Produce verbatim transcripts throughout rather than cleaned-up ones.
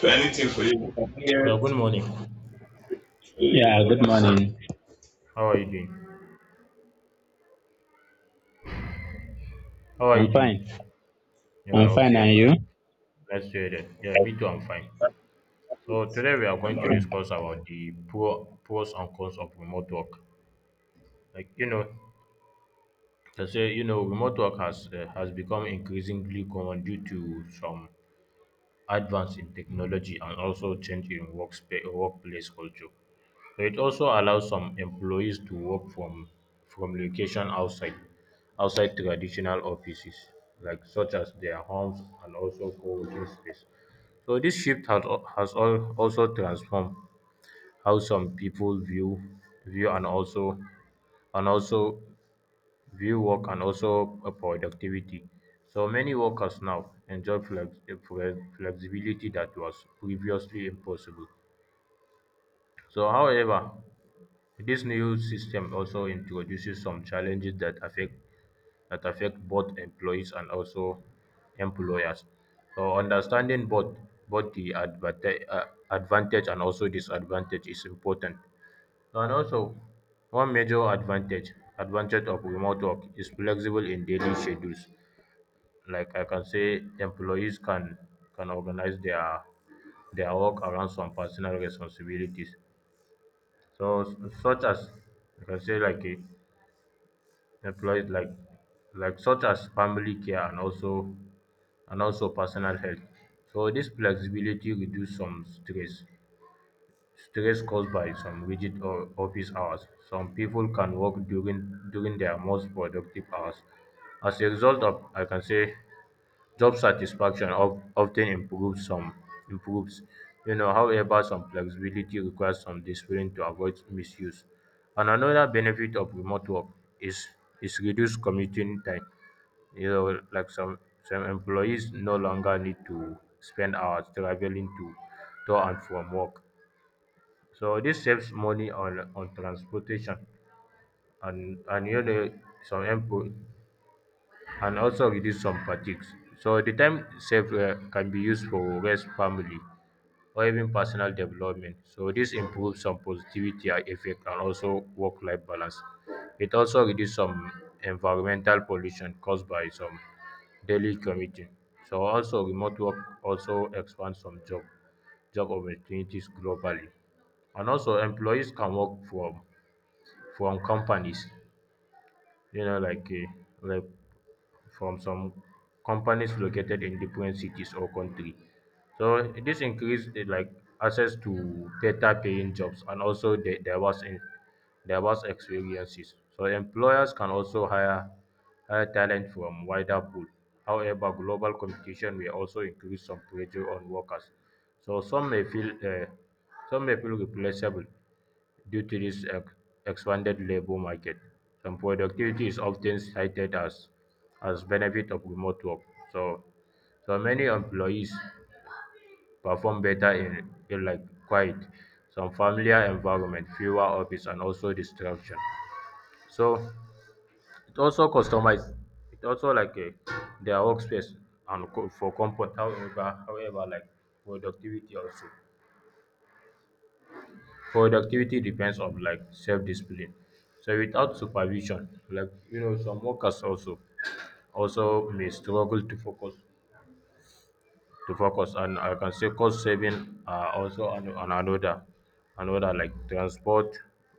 So anything for you? I can Yeah, get. good morning. Yeah, good morning. How are you doing? How are you I'm doing? fine. Yeah, I'm fine, okay, and you? okay. Let's hear that. Yeah, me too, I'm fine. So today we are I'm going to alright. discuss about the pro, pros and cons of remote work. Like you know, they say you know remote work has uh, has become increasingly common due to some advance in technology and also change in workspace workplace culture. It also allows some employees to work from from location outside outside traditional offices, like such as their homes and also co-working space. So this shift has al- has al- also transformed how some people view view and also and also view work and also uh, productivity. So many workers now enjoy flex, flex- flexibility that was previously impossible. So, however, this new system also introduces some challenges that affect that affect both employees and also employers. So understanding both both the advanta- uh, advantage and also disadvantage is important. And also, one major advantage advantage of remote work is flexible in daily schedules. Like I can say, employees can can organize their their work around some personal responsibilities. So s- such as I can say like a employees like like such as family care and also and also personal health. So this flexibility reduce some stress stress caused by some rigid o- office hours. Some people can work during during their most productive hours. As a result of I can say job satisfaction of often improves some improves, you know. However, some flexibility requires some discipline to avoid misuse. And another benefit of remote work is is reduced commuting time. You know, like some some employees no longer need to spend hours traveling to to and from work. So this saves money on on transportation and and you know some employ and also reduce some fatigues. So the time saved uh, can be used for rest, family, or even personal development. So this improves some positivity and effect and also work-life balance. It also reduces some environmental pollution caused by some daily commuting. So also remote work also expands some job job opportunities globally. And also employees can work from from companies, you know, like uh, like from some companies located in different cities or country. So this increased eh, like access to better paying jobs and also the diverse in diverse experiences. So employers can also hire hire talent from wider pool. However, global competition will also increase some pressure on workers. So some may feel uh, some may feel replaceable due to this ex- expanded labor market, and productivity is often cited as as benefit of remote work. So, so many employees perform better in, in like quiet, some familiar environment, fewer office, and also distraction. So it also customize it also like a, their workspace and co- for comfort. However, however, like productivity also. productivity depends on like self-discipline. So without supervision, like you know, some workers also also may struggle to focus to focus and I can say cost saving are also on on another another like transport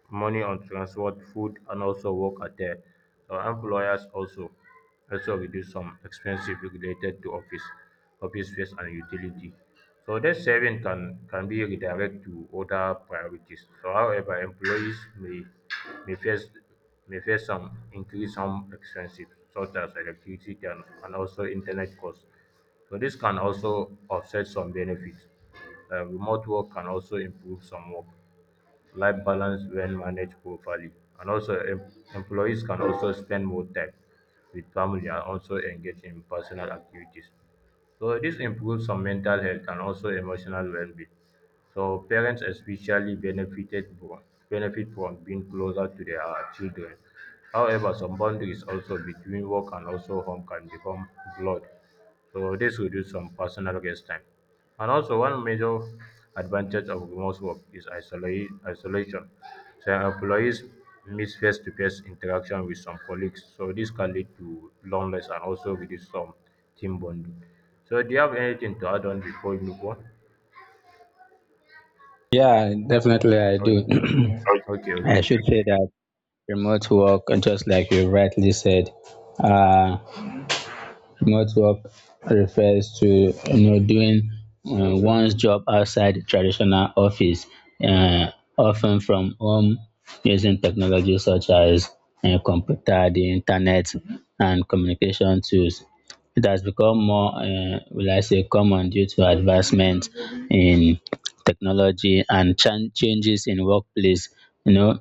money on transport food and also work at there. So employers also also reduce some expenses related to office office space and utility. So this saving can can be redirected to other priorities. So however, employees may may face may face some increase some expenses such as electricity and, and also internet costs. So this can also offset some benefits. Uh, remote work can also improve some work life balance when managed properly. And also, em- employees can also spend more time with family and also engage in personal activities. So this improves some mental health and also emotional well-being. So parents especially benefited from, benefit from being closer to their children. However, some boundaries also between work and also home can become blurred, so this reduces some personal guest time. And also one major advantage of remote work is isolate, isolation. So employees miss face-to-face interaction with some colleagues. So this can lead to loneliness and also reduce some team bonding. So do you have anything to add on before you move on? Yeah, definitely I do. Okay. Okay, I okay. should say that remote work, just like you rightly said, uh. remote work refers to you know doing uh, one's job outside the traditional office, uh, often from home using technology such as uh, computer, the internet, and communication tools. It has become more, uh, will I say, common due to advancement in technology and chan- changes in workplace. You know,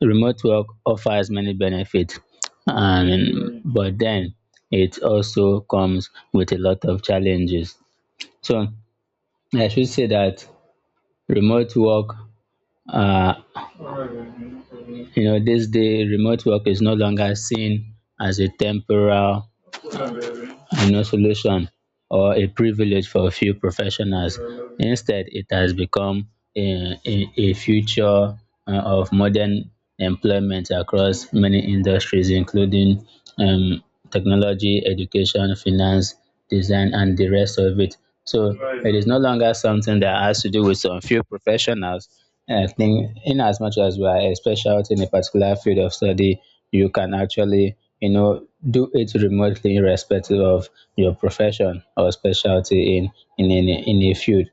remote work offers many benefits, and but then it also comes with a lot of challenges. So I should say that remote work, uh, you know, this day remote work is no longer seen as a temporal and no solution or a privilege for a few professionals. Instead, it has become a, a, a future uh, of modern employment across many industries, including um, technology, education, finance, design, and the rest of it. So it is no longer something that has to do with some few professionals. I think, in as much as we are a specialty in a particular field of study, you can actually you know do it remotely irrespective of your profession or specialty in in any in a field.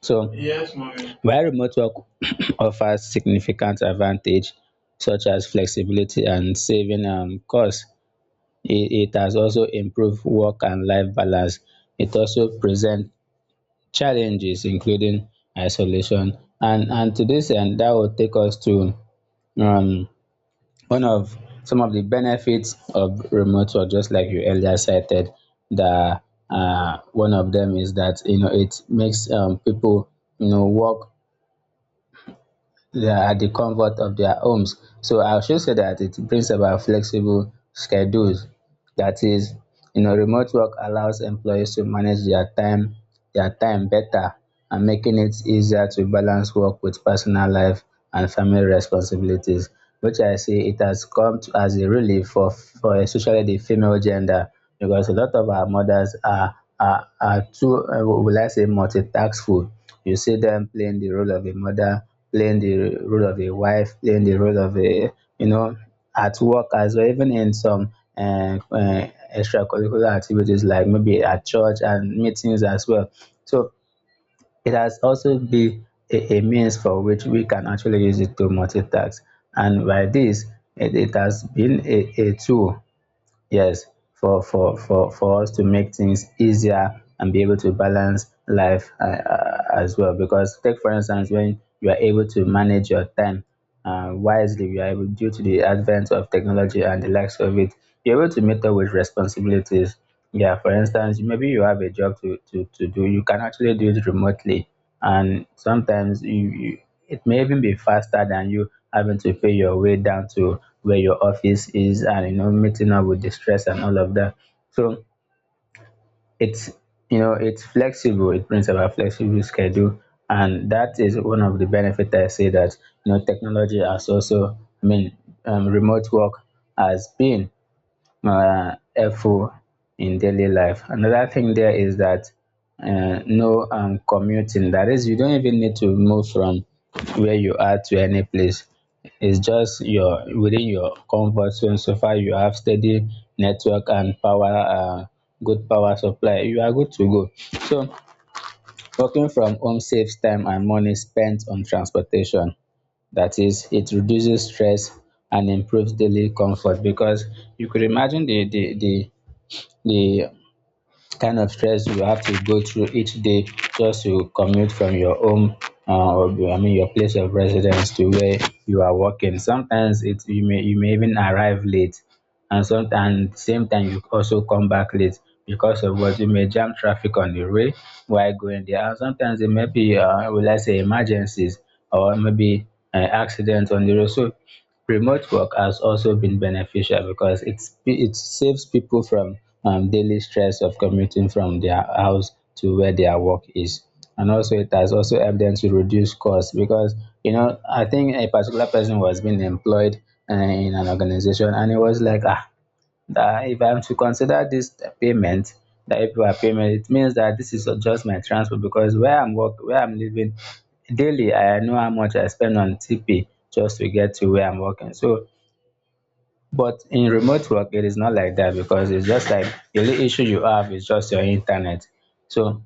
So yes, mommy. While remote work offers significant advantage such as flexibility and saving um, costs, it, it has also improved work and life balance. It also presents challenges including isolation. And and to this end, that will take us to um, one of some of the benefits of remote work, just like you earlier cited, the uh, one of them is that you know it makes um, people you know work the- at the comfort of their homes. So I should say that it brings about flexible schedules. That is, you know, remote work allows employees to manage their time, their time better, and making it easier to balance work with personal life and family responsibilities, which I see it has come to, as a relief for, for especially the female gender, because a lot of our mothers are are, are too, uh, will I say, multitaskful. You see them playing the role of a mother, playing the role of a wife, playing the role of a, you know, at work as well, even in some um, uh, extracurricular activities like maybe at church and meetings as well. So it has also been a, a means for which we can actually use it to multitask. And by this, it, it has been a, a tool, yes, for for for for us to make things easier and be able to balance life, uh, uh, as well, because take for instance when you are able to manage your time uh, wisely, you are able, due to the advent of technology and the likes of it, you're able to meet up with responsibilities. Yeah, for instance, maybe you have a job to, to, to do, you can actually do it remotely. And sometimes you, you it may even be faster than you having to pay your way down to where your office is, and you know meeting up with the stress and all of that. So it's, you know, it's flexible, it brings about flexible schedule, and that is one of the benefits I say that you know technology has also, I mean, um, remote work has been uh, helpful in daily life. Another thing there is that uh, no um, commuting. That is, you don't even need to move from where you are to any place. It's just your within your comfort zone. So far, you have steady network and power, uh, good power supply. You are good to go. So, working from home saves time and money spent on transportation. That is, it reduces stress and improves daily comfort, because you could imagine the the the the kind of stress you have to go through each day just to commute from your home, uh, or I mean your place of residence to where you are working. Sometimes it, you may you may even arrive late, and sometimes same time you also come back late because of what you may jam traffic on the way while going there. And sometimes it may be, uh, will I say, emergencies, or maybe uh, accidents on the road. So remote work has also been beneficial because it's, it saves people from um, daily stress of commuting from their house to where their work is. And also, it has also helped them to reduce costs because, you know, I think a particular person was being employed uh, in an organization, and it was like, ah, that if I'm to consider this payment, that if I payment, it means that this is just my transport, because where I'm work, where I'm living daily, I know how much I spend on T P just to get to where I'm working. So, but in remote work, it is not like that, because it's just like the only issue you have is just your internet. So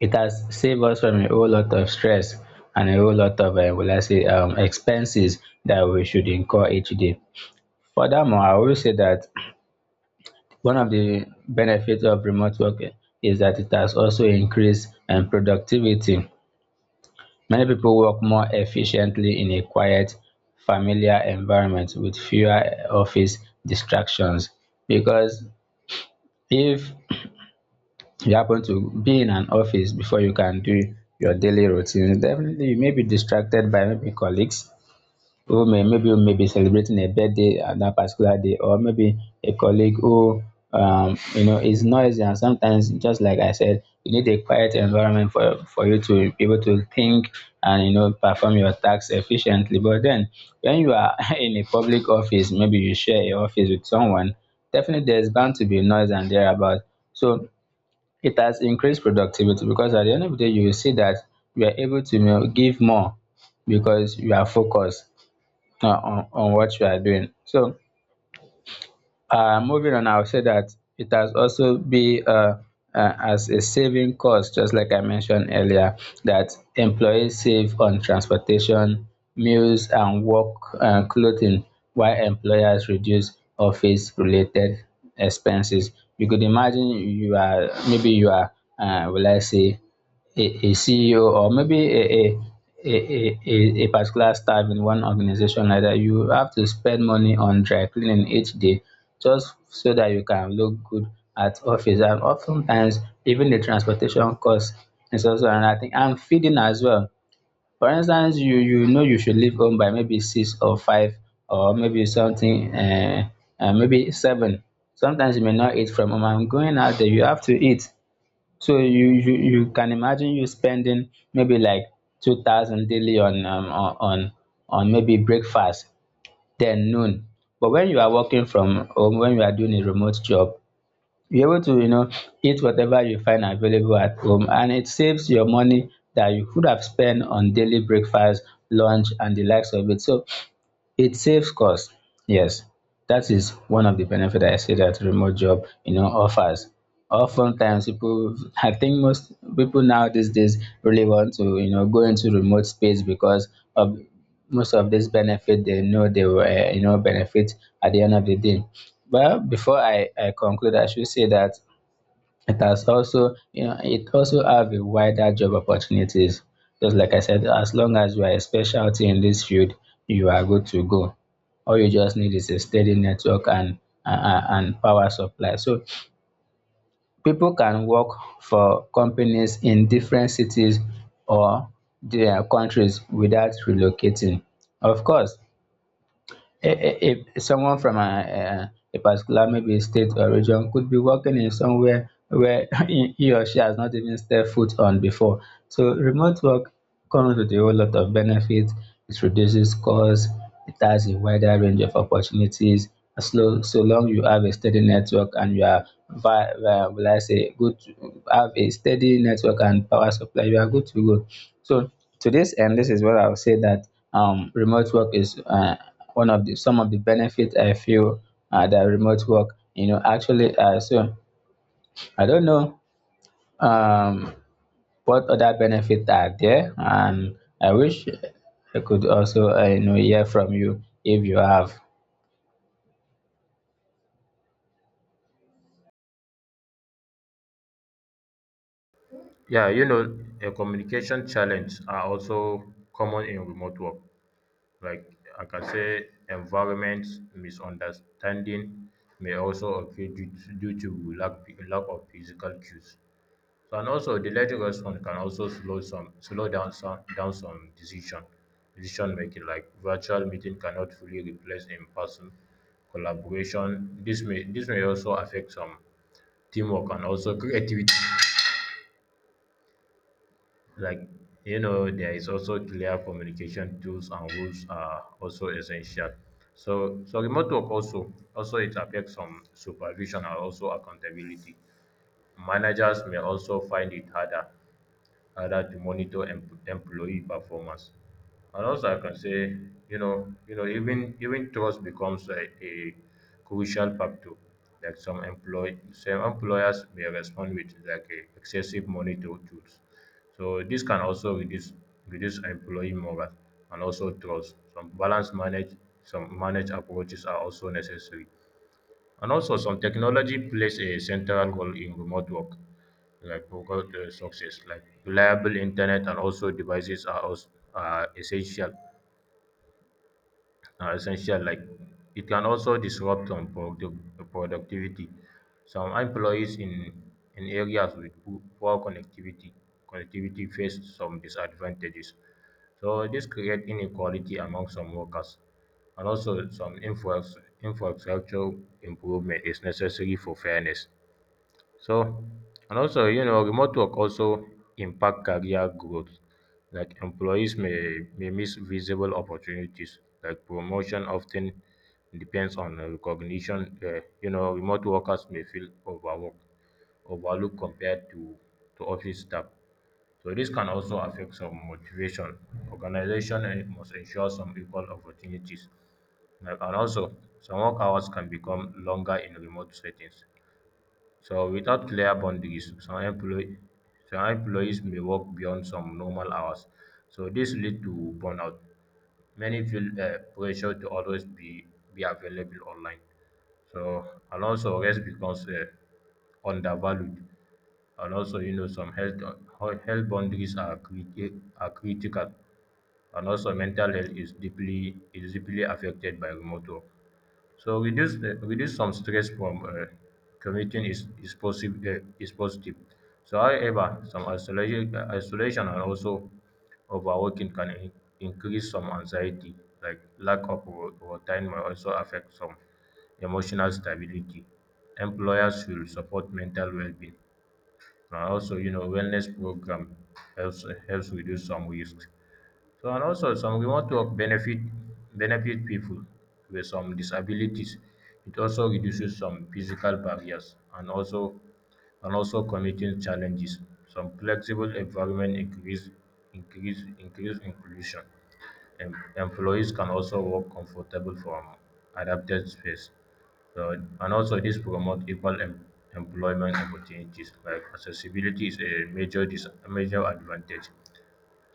it has saved us from a whole lot of stress and a whole lot of, uh, will I say, um, expenses that we should incur each day. Furthermore, I will say that one of the benefits of remote work is that it has also increased um, productivity. Many people work more efficiently in a quiet, familiar environment with fewer office distractions. Because if you happen to be in an office before you can do your daily routine, definitely you may be distracted by maybe colleagues who may maybe who may be celebrating a birthday at that particular day, or maybe a colleague who, um, you know, is noisy, and sometimes just like I said, you need a quiet environment for for you to be able to think and you know perform your tasks efficiently. But then, when you are in a public office, maybe you share a office with someone, definitely there's bound to be noise and thereabout. So it has increased productivity, because at the end of the day, you will see that you are able to, you know, give more because you are focused uh, on, on what you are doing. So, uh, moving on, I'll say that it has also be uh, uh, as a saving cost, just like I mentioned earlier, that employees save on transportation, meals, and work uh, clothing, while employers reduce office-related expenses. You could imagine you are, maybe you are, uh, will I say, a, a C E O, or maybe a, a a, a, a a particular staff in one organization like that, you have to spend money on dry cleaning each day just so that you can look good at office. And oftentimes, even the transportation cost is also another thing. And feeding as well. For instance, you you know you should leave home by maybe six or five or maybe something, uh, uh, maybe seven. Sometimes you may not eat from home. And going out there, you have to eat. So you you you can imagine you spending maybe like two thousand daily on, um, on on on maybe breakfast, then noon. But when you are working from home, when you are doing a remote job, you're able to, you know, eat whatever you find available at home, and it saves your money that you could have spent on daily breakfast, lunch, and the likes of it. So it saves cost. Yes, that is one of the benefit I say that remote job, you know, offers. Oftentimes, people, I think most people now these days really want to, you know, go into remote space because of most of this benefit they know they will, uh, you know, benefit at the end of the day. Well, before I, I conclude, I should say that it has also, you know, it also have a wider job opportunities. Just like I said, as long as you are a specialty in this field, you are good to go. All you just need is a steady network and and, and power supply. So people can work for companies in different cities or their countries without relocating. Of course, I- if someone from a, a, a particular maybe state or region could be working in somewhere where he he or she has not even stepped foot on before. So remote work comes with a whole lot of benefits. It reduces costs. It has a wider range of opportunities. As long, so long you have a steady network and you are, vi- uh, will I say, good, to- have a steady network and power supply, you are good to go. So to this end, this is what I would say that um, remote work is. Uh, one of the some of the benefits I feel uh, that remote work, you know, actually, uh, so I don't know, um, what other benefits are there, and I wish I could also, uh, you know, hear from you if you have. Yeah, you know, uh, communication challenges are also common in remote work. like like I can say environment misunderstanding may also occur due to, due to lack, lack of physical cues. So, and also delayed response can also slow some slow down some down some decision decision making. Like virtual meeting cannot fully replace in person collaboration. This may this may also affect some teamwork and also creativity. Like you know, there is also clear communication tools and rules are also essential. So so remote work also also it affects some supervision and also accountability. Managers may also find it harder rather to monitor em- employee performance. And also, I can say, you know, you know, even even trust becomes a, a crucial factor. Like some employ some employers may respond with like a excessive monitor tools. So this can also reduce reduce employee morale and also trust. Some balance manage some managed approaches are also necessary. And also, some technology plays a central role in remote work, like for uh, success, like reliable internet and also devices are also are essential are essential. Like it can also disrupt some productive productivity. Some employees in in areas with po- poor connectivity connectivity face some disadvantages. So this create inequality among some workers, and also some infra- infrastructure improvement is necessary for fairness. So and also you know remote work also impact career growth. Like employees may may miss visible opportunities. Like promotion often depends on uh, recognition. Uh, you know, remote workers may feel overworked overlooked compared to to office staff. So this can also affect some motivation. Organization eh, must ensure some equal opportunities. Like, and also some work hours can become longer in remote settings. So without clear boundaries, some employ some employees may work beyond some normal hours. So this lead to burnout. Many feel uh, pressure to always be, be available online. So and also rest becomes uh, undervalued. And also, you know, some health health boundaries are criti- are critical. And also mental health is deeply is deeply affected by remote work. So reduce the reduce some stress from uh, commuting is is possible uh, is positive. So however, some isolation uh, isolation and also overworking can in- increase some anxiety. Like lack of ro- routine may also affect some emotional stability. Employers should support mental well-being. And also, you know, wellness program helps helps reduce some risks. So and also some remote work benefit benefit people with some disabilities. It also reduces some physical barriers and also and also commuting challenges. Some flexible environment increase increase increase inclusion. Em employees can also work comfortable from adapted space. So and also this promote equal em employment opportunities. Like accessibility is a major dis major advantage.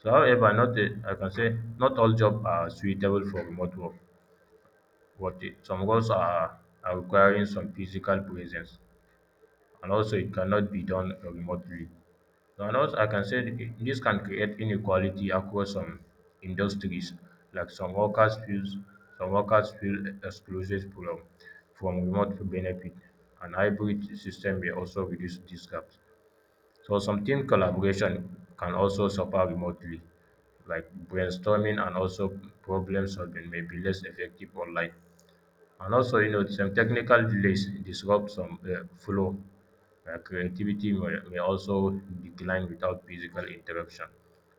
So, however, not a, I can say not all jobs are suitable for remote work. What it- some roles are, are requiring some physical presence, and also it cannot be done remotely. So, and also, I can say that it- this can create inequality across some industries. Like some workers feel some workers feel excluded from from remote benefit, and hybrid system may also reduce this gap. So some team collaboration can also suffer remotely, like brainstorming and also problem solving may be less effective online. And also, you know, some technical delays disrupt some uh, flow. Uh, creativity may, may also decline without physical interaction.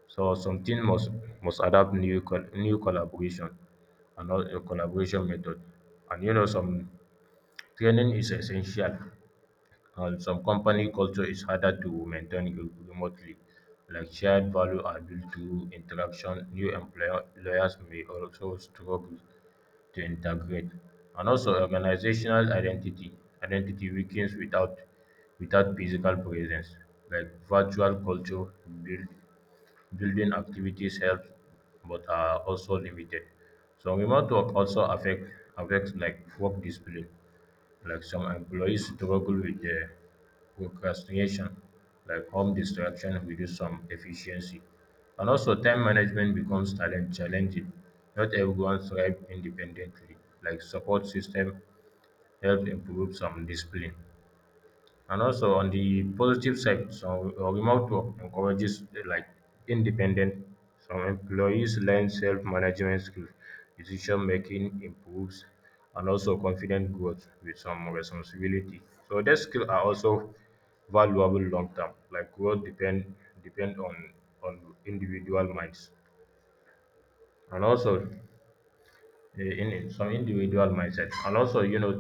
So some team must must adapt new col- new collaboration and all- uh, collaboration method. And you know, some training is essential. And some company culture is harder to maintain re- remotely, like shared value are built through interaction. New employer- employers may also struggle to integrate. And also organizational identity. Identity weakens without without physical presence. Like virtual culture, build, building activities help but are also limited. So remote work also affect affects like work discipline. Like some employees struggle with the procrastination, like home distraction reduce some efficiency. And also time management becomes talent challenging. Not everyone thrive independently. Like support system help improve some discipline. And also on the positive side, some remote work encourages uh, like independent. Some employees learn self-management skills, decision making improves, and also confident growth with some responsibility. So these skills are also valuable long term. Like growth depend depend on on individual minds. And also eh, in some individual mindset and also you know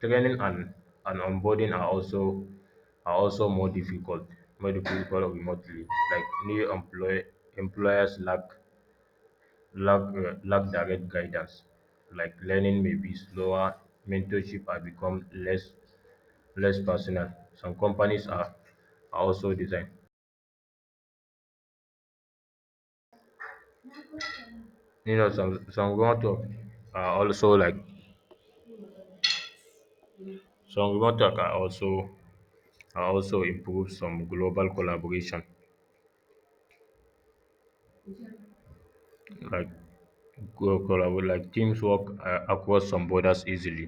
training and and onboarding are also are also more difficult more difficult remotely. Like new employ employers lack lack uh, lack direct guidance. Like learning may be slower, mentorship has become less less personal. Some companies are are also designed you know some some remote work are also like some remote work are also are also improve some global collaboration. Like co- collabo- like teams work uh, across some borders easily.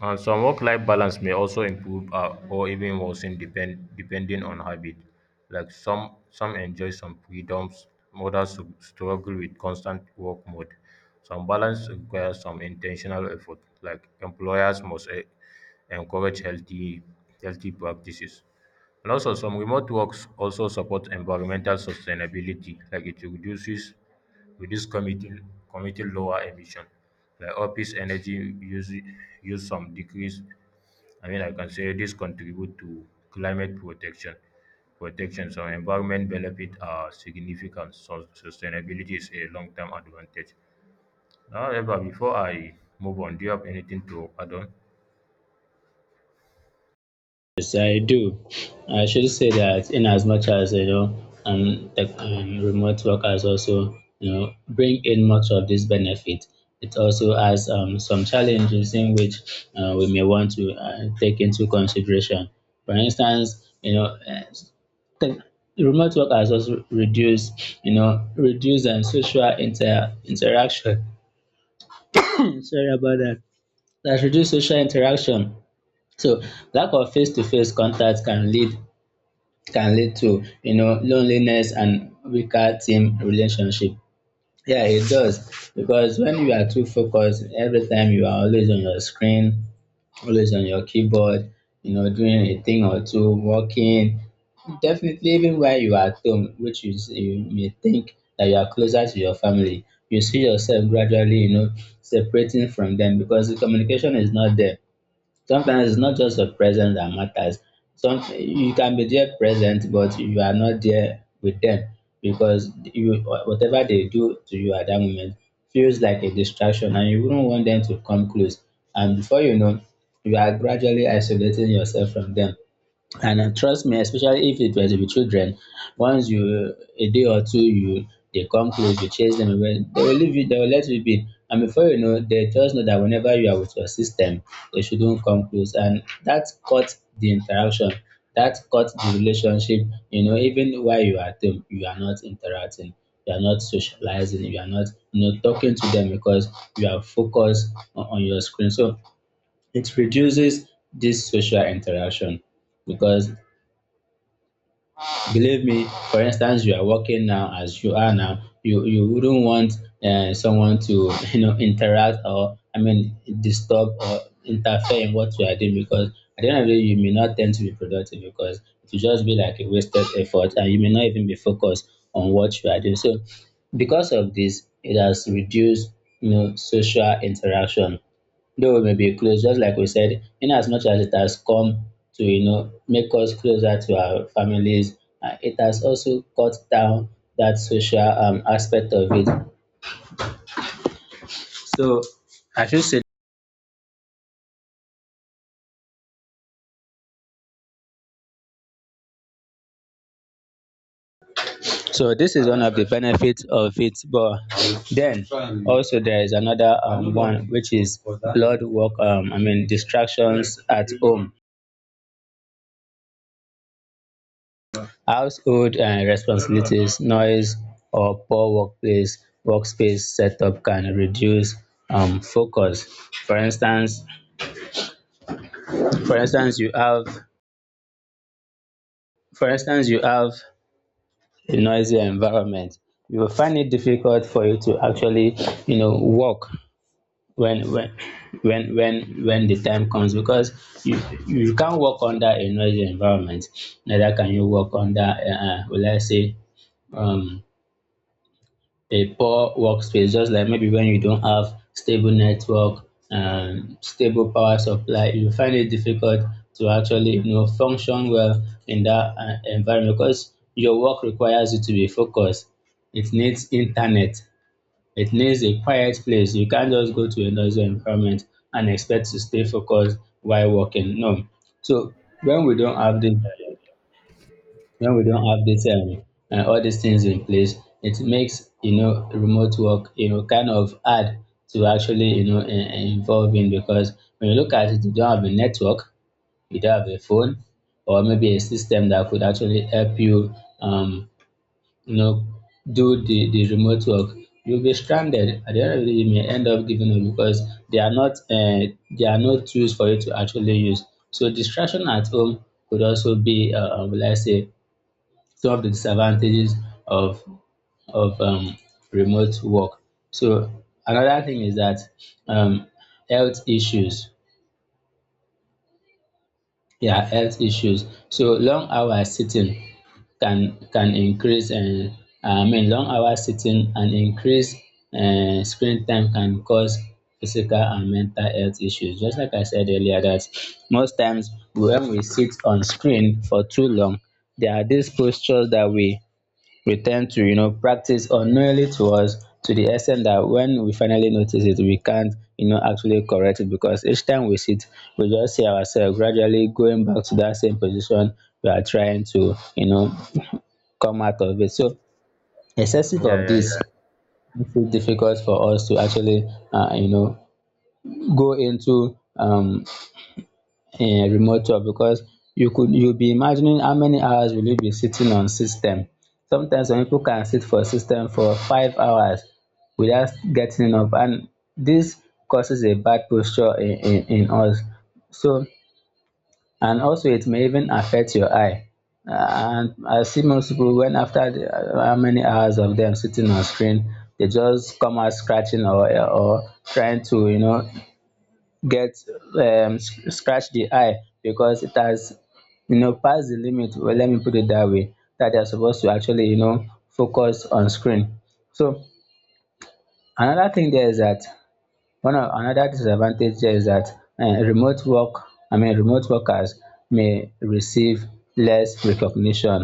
And some work-life balance may also improve uh, or even worsen depend, depending on habit. Like some some enjoy some freedoms, others s- struggle with constant work mode. Some balance requires some intentional effort. Like employers must eh, encourage healthy healthy practices. And also some remote works also support environmental sustainability. Like it reduces reduce committing committing lower emission. Like office energy use use some decrease. I mean, I can say this contribute to climate protection protection. So environment benefit are significant, so sustainability is a long-term advantage. However, before I move on, do you have anything to add on? Yes, I do. I should say that in as much as you know, um, the um, remote workers also, you know, bring in much of this benefit. It also has um, some challenges in which uh, we may want to uh, take into consideration. For instance, you know, uh, the remote workers also reduce, you know, reduce, um, social inter- interaction. Sorry about that. That reduce social interaction. So lack of face-to-face contact can lead can lead to, you know, loneliness and weaker team relationship. Yeah, it does, because when you are too focused, every time you are always on your screen, always on your keyboard, you know, doing a thing or two, working. Definitely, even while you are at home, which you, s- you may think that you are closer to your family, you see yourself gradually, you know, separating from them because the communication is not there. Sometimes it's not just your presence that matters. Some you can be there present, but you are not there with them, because you, whatever they do to you at that moment feels like a distraction, and you wouldn't want them to come close. And before you know, you are gradually isolating yourself from them. And uh, trust me, especially if it was with children, once you a day or two you, they come close, you chase them away, they will leave you, they will let you be. And before you know, they just know that whenever you are with your system, they shouldn't come close. And that cut the interaction, that cut the relationship, you know, even while you are at home, you are not interacting, you are not socializing, you are not, you know, talking to them because you are focused on, on your screen. So it reduces this social interaction, because believe me, for instance, you are working now. As you are now, you you wouldn't want uh, someone to you know, interact, or I mean disturb or interfere in what you are doing, because at the end of the day you may not tend to be productive, because it will just be like a wasted effort and you may not even be focused on what you are doing. So because of this, it has reduced, you know, social interaction. Though we may be close, just like we said, in as much as it has come to, you know, make us closer to our families, uh, it has also cut down that social um, aspect of it. So I should say, so this is one of the benefits of it. But then, also there is another, um, one, which is blood work. Um, I mean distractions at home. Household and responsibilities, noise or poor workplace workspace setup can reduce um focus. For instance for instance you have for instance you have a noisy environment, you will find it difficult for you to actually, you know, work when when when when when the time comes, because you you can't work under a noisy environment, neither can you work under, um will I say, um a poor workspace. Just like maybe when you don't have stable network and stable power supply, you find it difficult to actually, you know, function well in that uh, environment, because your work requires you to be focused. It needs internet, it needs a quiet place. You can't just go to a noisy environment and expect to stay focused while working. No. So when we don't have this, when we don't have this um, uh, all these things in place, it makes, you know, remote work, you know, kind of hard to actually, you know, in, involve in, because when you look at it, you don't have a network, you don't have a phone, or maybe a system that could actually help you, um, you know, do the, the remote work. You'll be stranded at the end of the day. You may end up giving up because they are not uh, there are no tools for you to actually use. So distraction at home could also be, uh, uh, will I say, solve the disadvantages of, of um, remote work. So another thing is that, um, health issues. Yeah, health issues. So long hours sitting can can increase and I mean long hours sitting and increase uh, screen time can cause physical and mental health issues. Just like I said earlier, that most times when we sit on screen for too long, there are these postures that we we tend to, you know, practice unknowingly to us, to the extent that when we finally notice it, we can't, you know, actually correct it, because each time we sit, we just see ourselves gradually going back to that same position we are trying to, you know, come out of it. So excessive yeah of this yeah makes it difficult for us to actually, uh, you know, go into, um in remote work, because you could, you'll be imagining how many hours will you be sitting on system. Sometimes some people can sit for system for five hours without getting up, and this causes a bad posture in, in, in us. So, and also it may even affect your eye. Uh, And I see most people when after the, uh, how many hours of them sitting on screen, they just come out scratching, or or trying to, you know, get um sc- scratch the eye, because it has, you know, passed the limit. Well, let me put it that way, that they're supposed to actually, you know, focus on screen. So another thing there is that, one of another disadvantage there is that, uh, remote work i mean remote workers may receive less recognition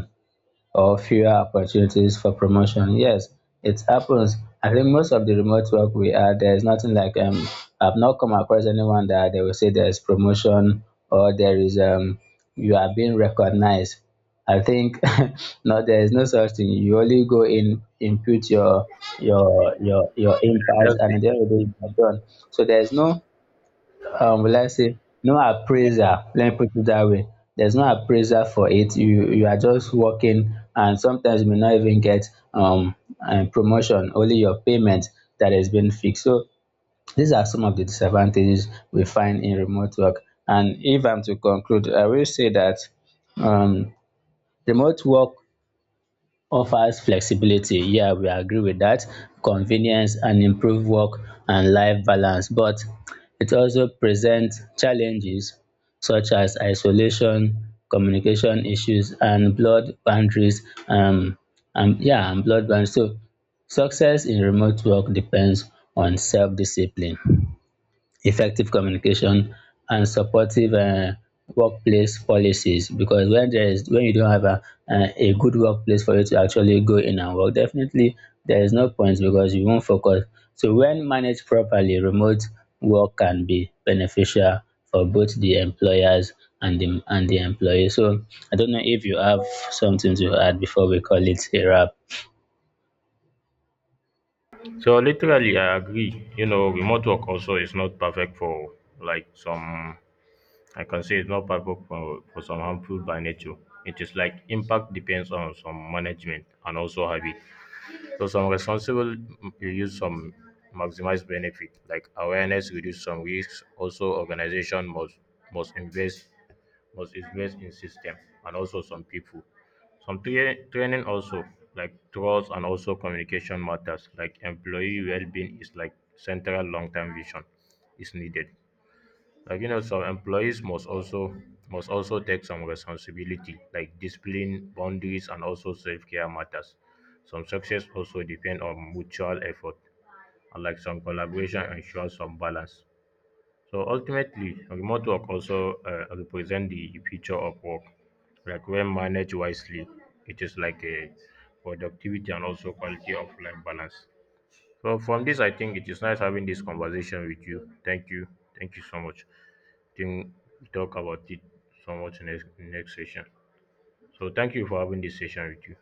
or fewer opportunities for promotion. Yes, it happens. I think most of the remote work we are, there's nothing like, um I've not come across anyone that they will say there's promotion or there is, um you are being recognized. I think no, there is no such thing. You only go in, input your your your your yeah impact, that's and it. at the end of the day you are done. So there's no, um will I say, no appraiser. Let me put it that way, there's no appraiser for it. You you are just working, and sometimes you may not even get, um um promotion, only your payment that has been fixed. So these are some of the disadvantages we find in remote work. And if I'm to conclude, I will say that, um remote work offers flexibility, yeah, we agree with that, convenience and improved work and life balance, but it also presents challenges such as isolation, communication issues, and blood boundaries, um and yeah, and blood boundaries. So success in remote work depends on self-discipline, effective communication, and supportive, um workplace policies, because when there is when you don't have a, uh, a good workplace for you to actually go in and work, definitely there is no point, because you won't focus. So when managed properly, remote work can be beneficial for both the employers and the and the employee. So I don't know if you have something to add before we call it a wrap. So literally, I agree. You know, remote work also is not perfect for like some. I can say it's not perfect for, for some harmful by nature. It is like impact depends on some management and also habit. So some responsible mm, you use some maximize benefit like awareness reduce some risks. Also, organization must must invest must invest in system and also some people. Some tra- training also like trust and also communication matters. Like employee well-being is like central long-term vision is needed. Like you know, some employees must also must also take some responsibility, like discipline, boundaries, and also self-care matters. Some success also depend on mutual effort, and like some collaboration ensures some balance. So ultimately, remote work also uh, represent the future of work. Like when managed wisely, it is like a productivity and also quality of life balance. So from this, I think it is nice having this conversation with you. Thank you, thank you so much. I think we talk about it so much next next session. So thank you for having this session with you.